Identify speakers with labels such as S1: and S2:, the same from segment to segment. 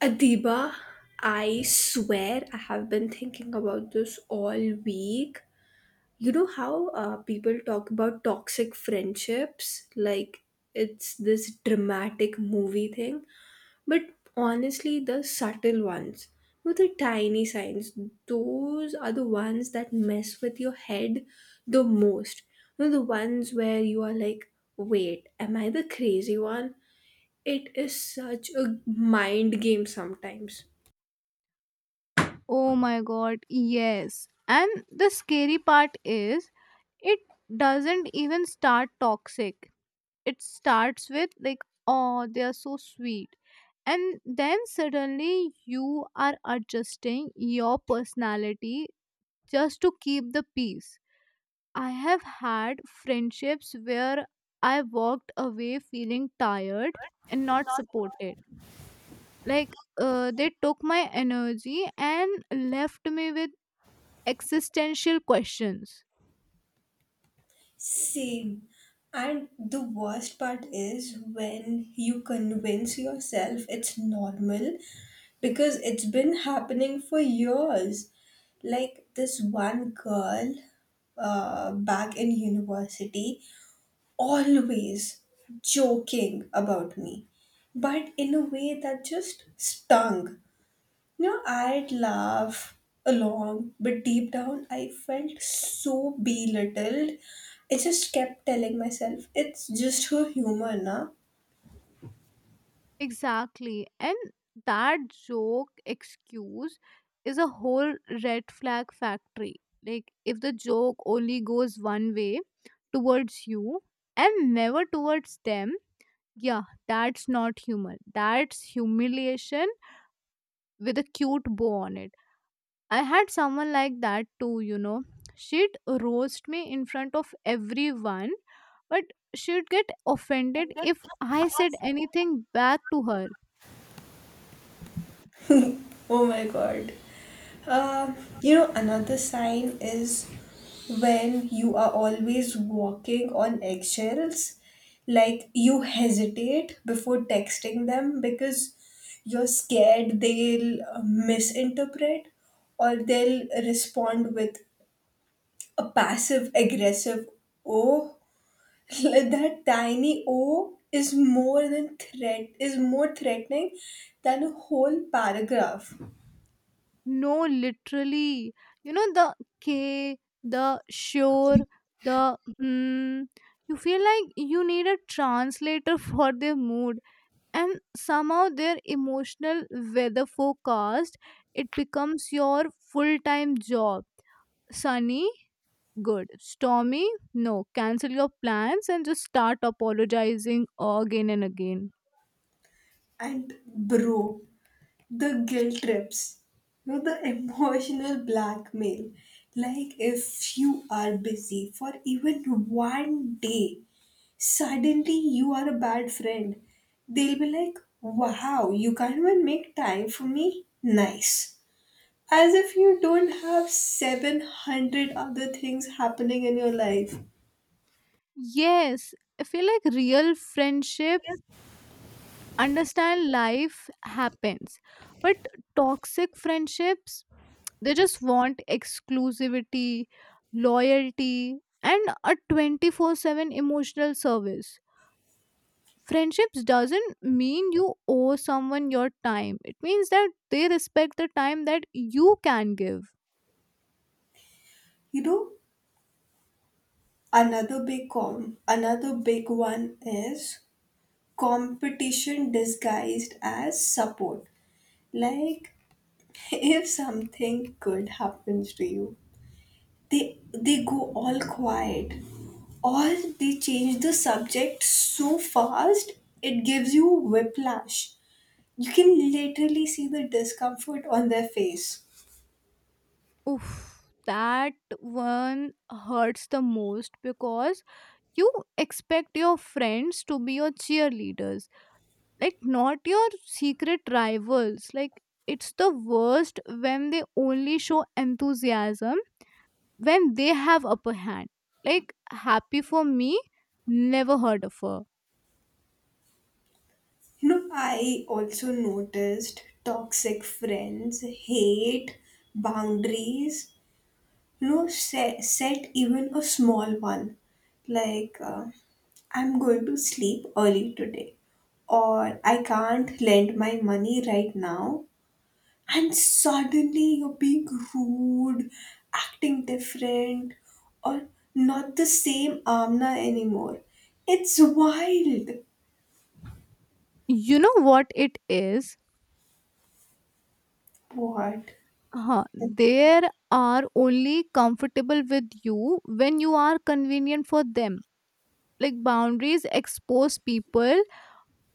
S1: Adiba, I swear I have been thinking about this all week. You know how people talk about toxic friendships? Like it's this dramatic movie thing. But honestly, the subtle ones, with the tiny signs, those are the ones that mess with your head the most. You know, the ones where you are like, wait, am I the crazy one? It is such a mind game sometimes.
S2: Oh my god, yes. And the scary part is it doesn't even start toxic. It starts with like, oh, they are so sweet. And then suddenly you are adjusting your personality just to keep the peace. I have had friendships where I walked away feeling tired and not supported. Like, they took my energy and left me with existential questions.
S1: Same. And the worst part is when you convince yourself it's normal because it's been happening for years. Like this one girl back in university, always joking about me, but in a way that just stung. You know, I'd laugh along, but deep down, I felt so belittled. I just kept telling myself, it's just her humor, na?
S2: Exactly. And that joke excuse is a whole red flag factory. Like, if the joke only goes one way towards you and never towards them, yeah, that's not humor. That's humiliation with a cute bow on it. I had someone like that too, you know. She'd roast me in front of everyone, but she'd get offended if I said anything back to her.
S1: Oh my god. Another sign is when you are always walking on eggshells. Like, you hesitate before texting them because you're scared they'll misinterpret or they'll respond with a passive aggressive oh. That tiny oh is more than threat is more threatening than a whole paragraph.
S2: No, literally. You know, the K, the sure, the hmm. You feel like you need a translator for their mood. And somehow their emotional weather forecast it becomes your full-time job. Sunny, good. Stormy, no, cancel your plans and just start apologizing again and again.
S1: And bro, the guilt trips. No, the emotional blackmail, like if you are busy for even 1 day, suddenly you are a bad friend. They'll be like, wow, you can't even make time for me, nice. As if you don't have 700 other things happening in your life.
S2: Yes, I feel like real friendship understand life happens, but toxic friendships they just want exclusivity, loyalty, and a 24/7 emotional service. Friendships doesn't mean you owe someone your time, it means that they respect the time that you can give.
S1: You know, another big one is competition disguised as support. Like, if something good happens to you, they go all quiet or they change the subject so fast it gives you whiplash. You can literally see the discomfort on their face.
S2: Oof, that one hurts the most because you expect your friends to be your cheerleaders, like not your secret rivals. Like it's the worst when they only show enthusiasm when they have upper hand. Like, happy for me? Never heard of her.
S1: You know, I also noticed toxic friends hate boundaries, you know, set even a small one. Like, I'm going to sleep early today, or I can't lend my money right now. And suddenly you're being rude, acting different, or not the same Amna anymore. It's wild.
S2: You know what it is?
S1: What?
S2: Huh. There are only comfortable with you when you are convenient for them. Like boundaries expose people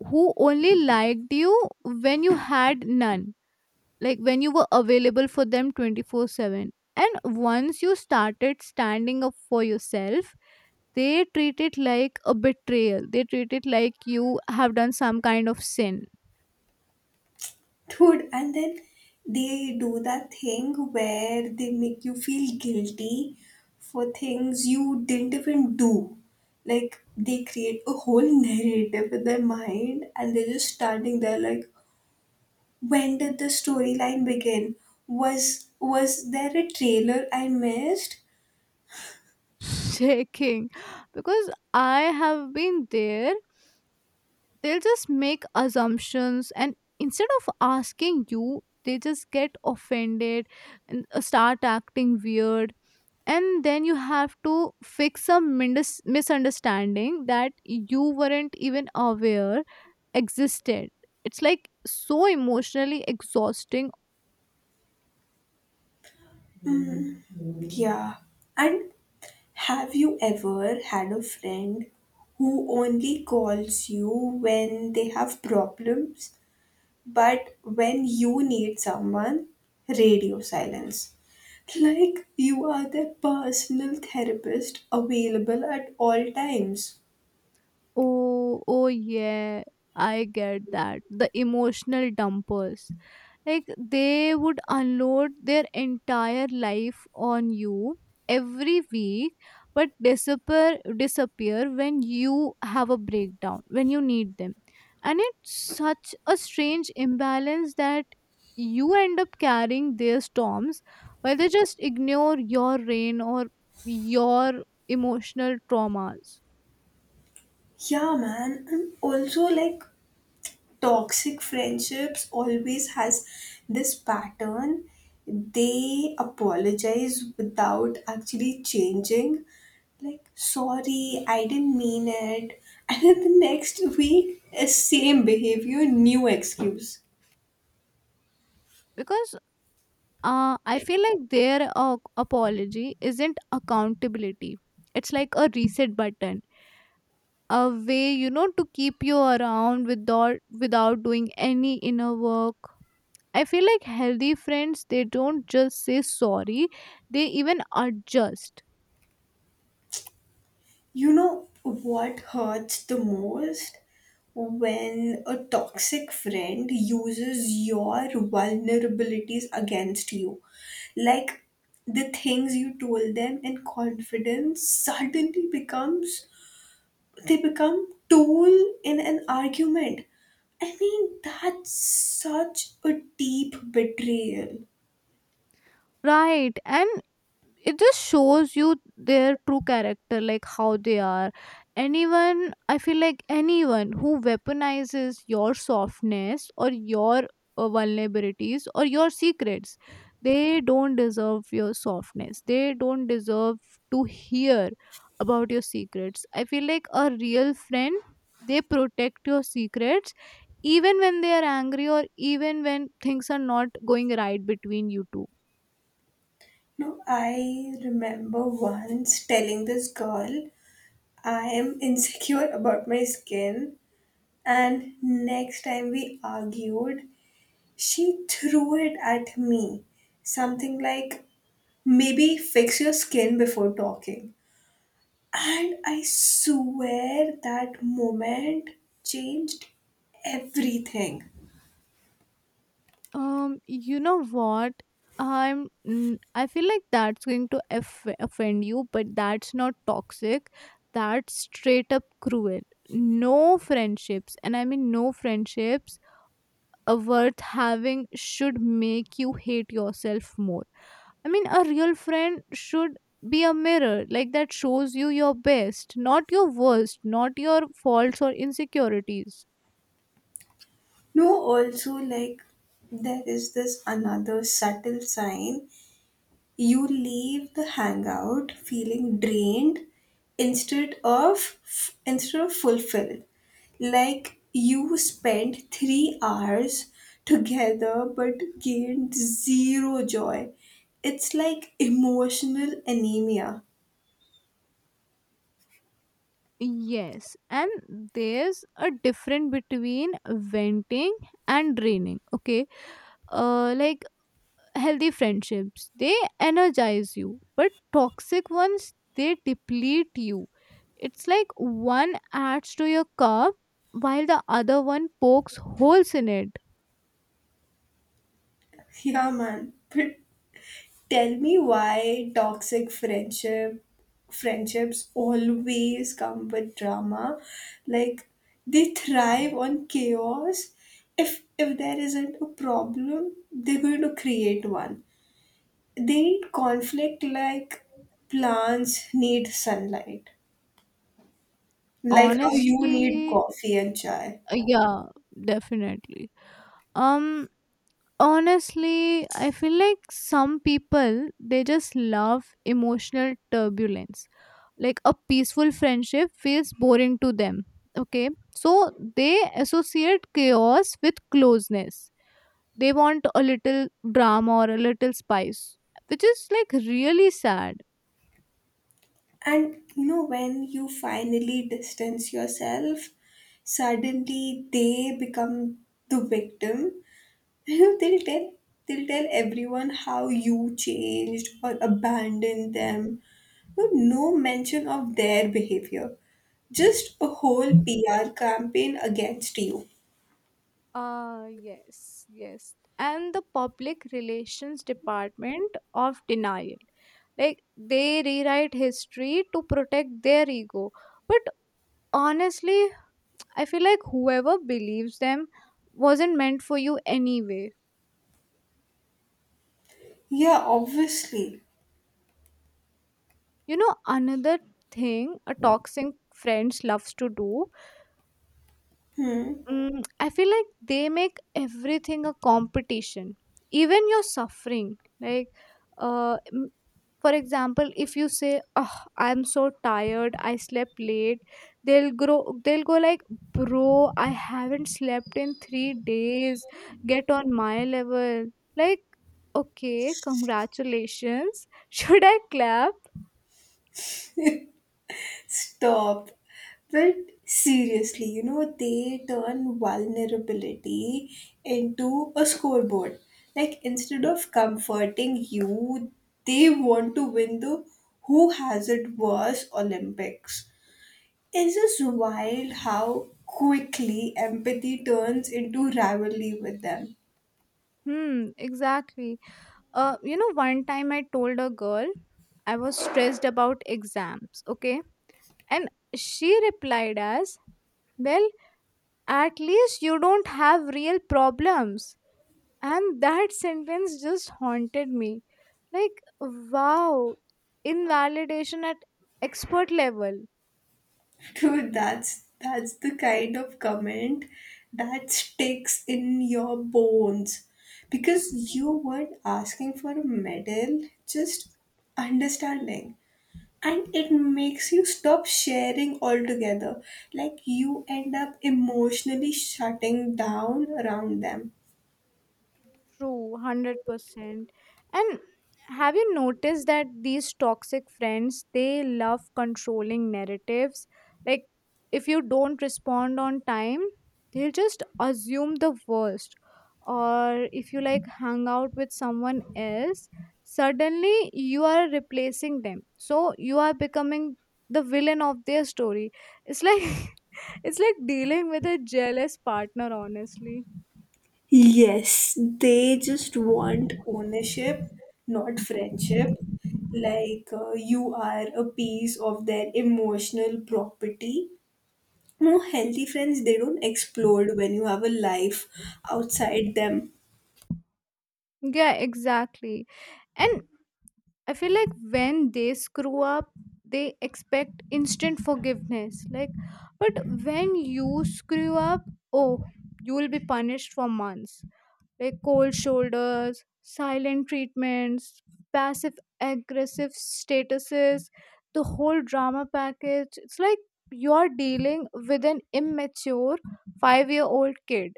S2: who only liked you when you had none. Like when you were available for them 24/7. And once you started standing up for yourself, they treat it like a betrayal. They treat it like you have done some kind of sin.
S1: Dude, and then they do that thing where they make you feel guilty for things you didn't even do. Like they create a whole narrative in their mind and they're just standing there like, when did the storyline begin? Was there a trailer I missed?
S2: Checking. Because I have been there, they'll just make assumptions, and instead of asking you they just get offended and start acting weird, and then you have to fix some misunderstanding that you weren't even aware existed. It's like so emotionally exhausting.
S1: Mm, yeah. And have you ever had a friend who only calls you when they have problems, but when you need someone, radio silence. Like you are their personal therapist available at all times.
S2: Oh, oh yeah, I get that. The emotional dumpers. Like they would unload their entire life on you every week, but disappear when you have a breakdown, when you need them. And it's such a strange imbalance that you end up carrying their storms while they just ignore your rain, or your emotional traumas.
S1: Yeah, man. And also, like, toxic friendships always has this pattern. They apologize without actually changing. Like, sorry, I didn't mean it. And then the next week, same behavior, new excuse.
S2: Because I feel like their apology isn't accountability. It's like a reset button, a way, you know, to keep you around without doing any inner work. I feel like healthy friends they don't just say sorry; they even adjust.
S1: You know what hurts the most? When a toxic friend uses your vulnerabilities against you. Like the things you told them in confidence suddenly becomes they become tool in an argument. I mean, that's such a deep betrayal.
S2: Right. And it just shows you their true character, like how they are. Anyone, I feel like anyone who weaponizes your softness or your vulnerabilities or your secrets, they don't deserve your softness. They don't deserve to hear about your secrets. I feel like a real friend, they protect your secrets even when they are angry or even when things are not going right between you two.
S1: No, I remember once telling this girl I am insecure about my skin. And next time we argued, she threw it at me. Something like, maybe fix your skin before talking. And I swear that moment changed everything.
S2: You know what? I feel like that's going to offend you, but that's not toxic. That's straight up cruel. No friendships, and I mean no friendships, are worth having should make you hate yourself more. I mean, a real friend should be a mirror like that shows you your best, not your worst, not your faults or insecurities.
S1: No, also, like, there is this another subtle sign. You leave the hangout feeling drained instead of instead of fulfilled, like you spent 3 hours together but gained zero joy. It's like emotional anemia.
S2: Yes, and there's a difference between venting and draining. Okay, like healthy friendships, they energize you, but toxic ones they deplete you. It's like one adds to your cup while the other one pokes holes in it.
S1: Yeah, man. But tell me why toxic friendships always come with drama. Like they thrive on chaos. If there isn't a problem, they're going to create one. They need conflict like plants need sunlight. Like how you need
S2: Honestly,
S1: coffee and chai.
S2: yeah, definitely. Um, honestly, I feel like some people they just love emotional turbulence, like a peaceful friendship feels boring to them. Okay, so they associate chaos with closeness. They want a little drama or a little spice, which is like really sad.
S1: And you know, when you finally distance yourself, suddenly they become the victim. they'll tell they'll tell everyone how you changed or abandoned them, but no mention of their behavior, just a whole PR campaign against you.
S2: Ah, yes, yes. And the public relations department of denial. Like they rewrite history to protect their ego. But honestly, I feel like whoever believes them wasn't meant for you anyway.
S1: Yeah, obviously.
S2: You know, another thing a toxic friends loves to do,
S1: Hmm.
S2: I feel like they make everything a competition, even your suffering. Like, uh, m- for example, if you say, "Oh, I'm so tired. I slept late," they'll grow. They'll go like, "Bro, I haven't slept in 3 days. Get on my level." Like, okay, congratulations. Should I clap?
S1: Stop. But seriously, you know, they turn vulnerability into a scoreboard. Like, instead of comforting you, they want to win the who has it worse Olympics. It's just wild how quickly empathy turns into rivalry with them.
S2: Hmm, exactly. You know, one time I told a girl I was stressed about exams, okay? And she replied as, well, at least you don't have real problems. And that sentence just haunted me. Like, wow, invalidation at expert level.
S1: Dude, that's the kind of comment that sticks in your bones because you weren't asking for a medal, just understanding. And it makes you stop sharing altogether. Like you end up emotionally shutting down around them.
S2: True, 100%. And have you noticed that these toxic friends, they love controlling narratives? Like, if you don't respond on time, they'll just assume the worst. Or if you like hang out with someone else, suddenly you are replacing them. So you are becoming the villain of their story. It's like it's like dealing with a jealous partner, honestly.
S1: Yes, they just want ownership, not friendship. Like you are a piece of their emotional property. No, healthy friends, they don't explode when you have a life outside them.
S2: Yeah, exactly. And I feel like when they screw up, they expect instant forgiveness. Like, but when you screw up, oh, you will be punished for months. Like cold shoulders, silent treatments, passive aggressive statuses, the whole drama package. It's like you're dealing with an immature 5-year old kid.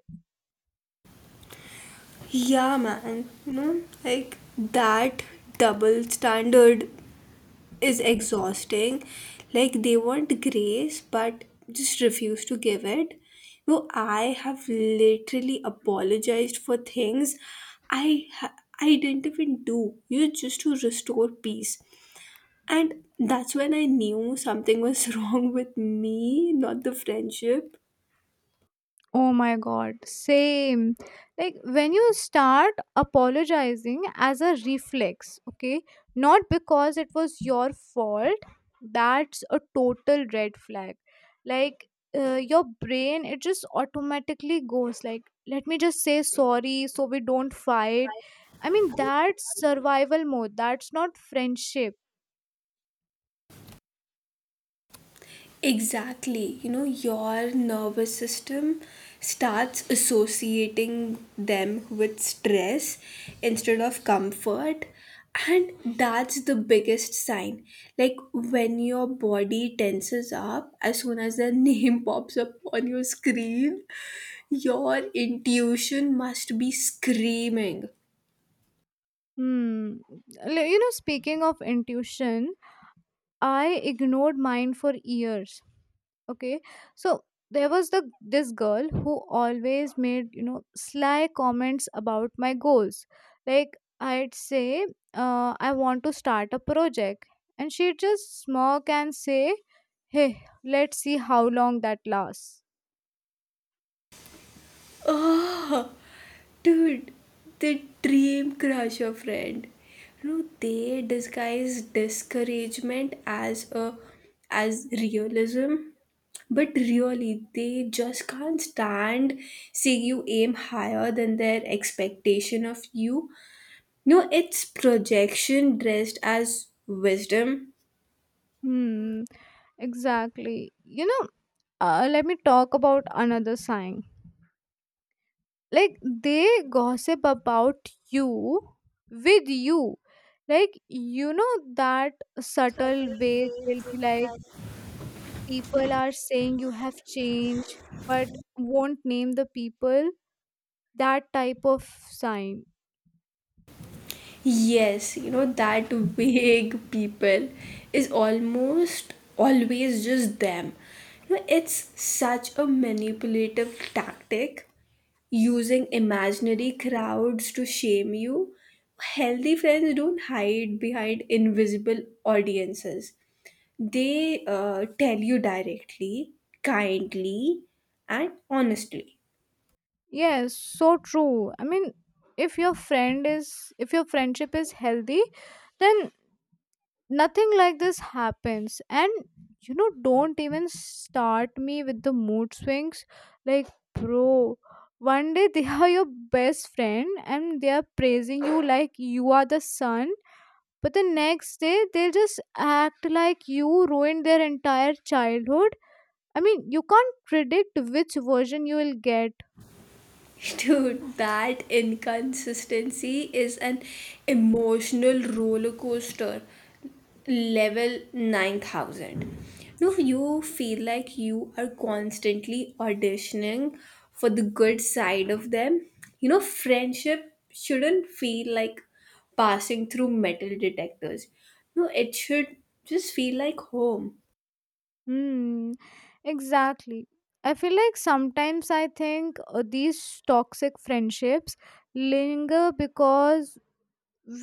S1: Yeah, man. You know, like that double standard is exhausting. Like they want grace but just refuse to give it. No, I have literally apologized for things I ha- I didn't even do. You know, just to restore peace. And that's when I knew something was wrong with me, not the friendship.
S2: Oh my god, same. Like when you start apologizing as a reflex, okay, not because it was your fault, that's a total red flag. Like your brain, it just automatically goes like, let me just say sorry so we don't fight. I mean, that's survival mode, that's not friendship.
S1: Exactly. You know, your nervous system starts associating them with stress instead of comfort. And that's the biggest sign. Like when your body tenses up, as soon as the name pops up on your screen, your intuition must be screaming.
S2: Hmm. Like, you know, speaking of intuition, I ignored mine for years. Okay, so there was the this girl who always made, you know, sly comments about my goals. Like, I'd say, I want to start a project, and she'd just smirk and say, hey, let's see how long that lasts.
S1: Ah! Dude, the dream crusher friend. You know, they disguise discouragement as a as realism. But really, they just can't stand seeing you aim higher than their expectation of you. No, it's projection dressed as wisdom.
S2: Hmm, exactly. You know, let me talk about another sign. Like, they gossip about you with you, like, you know, that subtle way they'll be like, people are saying you have changed, but won't name the people. That type of sign.
S1: Yes, you know, that vague people is almost always just them. You know, it's such a manipulative tactic using imaginary crowds to shame you. Healthy friends don't hide behind invisible audiences, they tell you directly, kindly, and honestly.
S2: Yes, so true. I mean, if your friend is if your friendship is healthy, then nothing like this happens. And you know, don't even start me with the mood swings. Like, bro, one day they are your best friend and they are praising you like you are the sun, but the next day they just act like you ruined their entire childhood. I mean, you can't predict which version you will get.
S1: Dude, that inconsistency is an emotional roller coaster. Level 9000. No, you feel like you are constantly auditioning for the good side of them. You know, friendship shouldn't feel like passing through metal detectors. No, it should just feel like home.
S2: Hmm, exactly. I feel like sometimes I think these toxic friendships linger because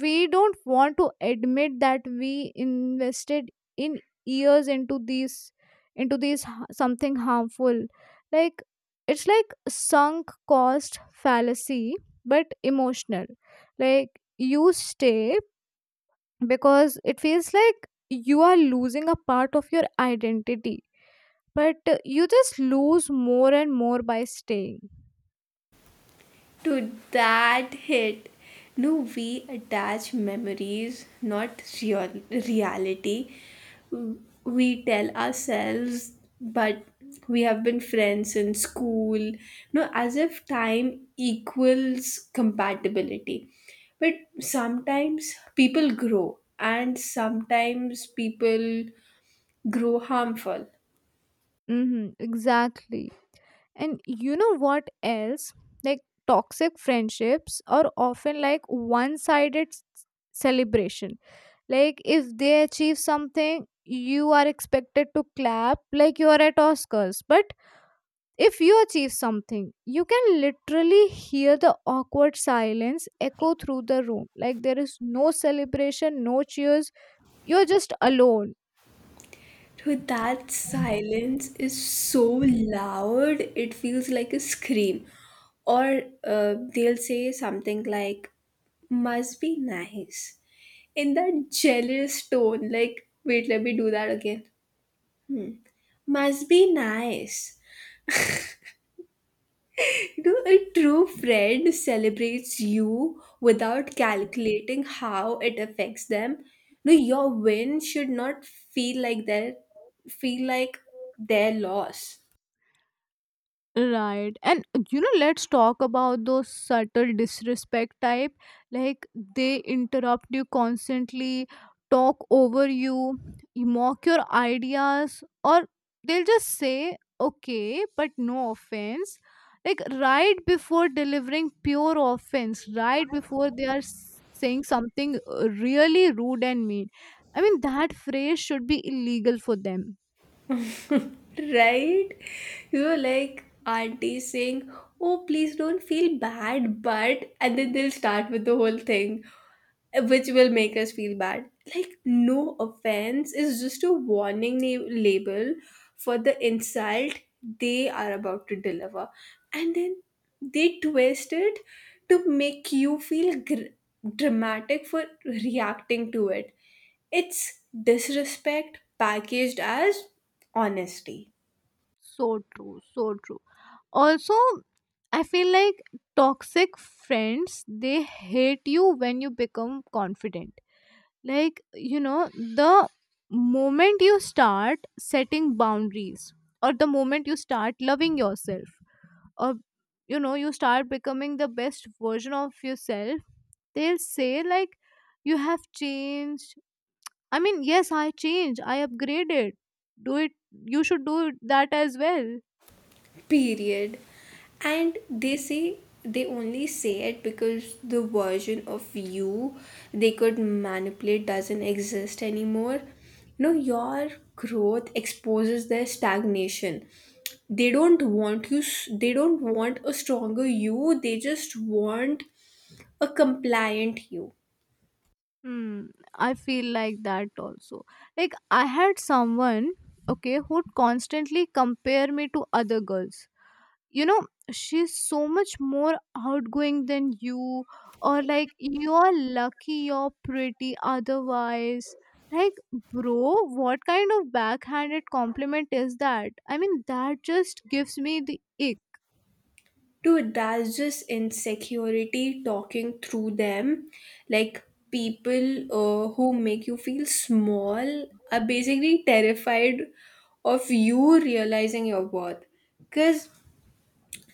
S2: we don't want to admit that we invested in years into these something harmful. Like it's like sunk cost fallacy but emotional. Like you stay because it feels like you are losing a part of your identity, but you just lose more and more by staying.
S1: To that hit. No, we attach memories, not reality. We tell ourselves, but we have been friends in school, no, as if time equals compatibility. But sometimes people grow, and sometimes people grow harmful.
S2: Mm-hmm, exactly. And you know what else? Like toxic friendships are often like one sided celebration. Like if they achieve something, you are expected to clap like you are at Oscars. But if you achieve something, you can literally hear the awkward silence echo through the room. Like there is no celebration, no cheers. You're just alone.
S1: Dude, that silence is so loud, it feels like a scream. Or they'll say something like, must be nice, in that jealous tone. Like, wait, let me do that again. Must be nice. You know, a true friend celebrates you without calculating how it affects them. No, your win should not feel like their loss.
S2: Right. And you know, let's talk about those subtle disrespect type. Like they interrupt you constantly, talk over you, you mock your ideas, or they'll just say, okay, but no offense. Like right before delivering pure offense, right before they are saying something really rude and mean. I mean, that phrase should be illegal for them.
S1: Right? You know, like aunties saying, oh, please don't feel bad, but, and then they'll start with the whole thing, which will make us feel bad. Like, no offense is just a label for the insult they are about to deliver. And then they twist it to make you feel dramatic for reacting to it. It's disrespect packaged as honesty.
S2: So true. So true. Also, I feel like toxic friends they hate you when you become confident. Like, you know, the moment you start setting boundaries, or the moment you start loving yourself, or, you know, you start becoming the best version of yourself, they'll say like, you have changed. I mean, yes, I changed, I upgraded. Do it, you should do that as well.
S1: Period. And they only say it because the version of you they could manipulate doesn't exist anymore. No, your growth exposes their stagnation. They don't want a stronger you, they just want a compliant you.
S2: Hmm, I feel like that also. Like I had someone, okay, who'd constantly compare me to other girls. You know, she's so much more outgoing than you, or like, you're lucky you're pretty otherwise. Like, bro, what kind of backhanded compliment is that? I mean, that just gives me the ick.
S1: Dude, that's just insecurity talking through them. Like people who make you feel small are basically terrified of you realizing your worth. Because,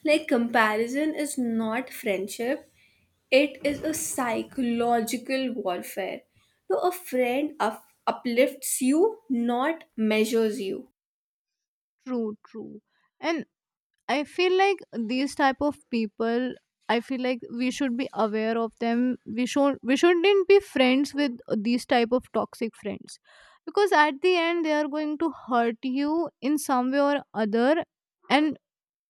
S1: like, comparison is not friendship, it is a psychological warfare. So, a friend uplifts you, not measures you.
S2: True, true. And I feel like these type of people, I feel like we should be aware of them. We shouldn't be friends with these type of toxic friends. Because at the end they are going to hurt you in some way or other, and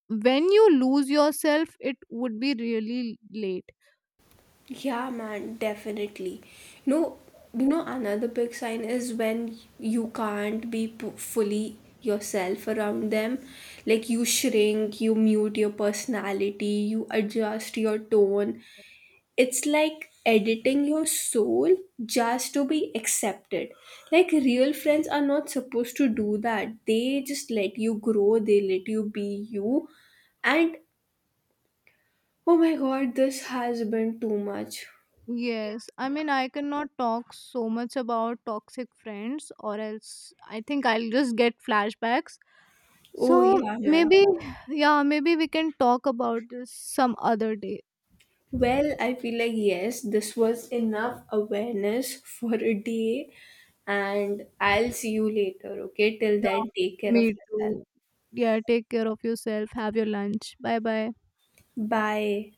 S2: when you lose yourself it would be really late.
S1: Yeah, man, definitely. No, you know, another big sign is when you can't be fully yourself around them. Like you shrink, you mute your personality, you adjust your tone. It's like editing your soul just to be accepted. Like real friends are not supposed to do that. They just let you grow, they let you be you. And oh my god, this has been too much.
S2: Yes, I mean, I cannot talk so much about toxic friends, or else I think I'll just get flashbacks.
S1: Oh,
S2: So
S1: yeah, man.
S2: maybe, yeah, maybe we can talk about this some other day.
S1: Well, I feel like yes, this was enough awareness for a day, and I'll see you later, okay? Till
S2: Yeah,
S1: then, take care of
S2: me
S1: yourself.
S2: too. Yeah, take care of yourself. Have your lunch. Bye bye.
S1: Bye.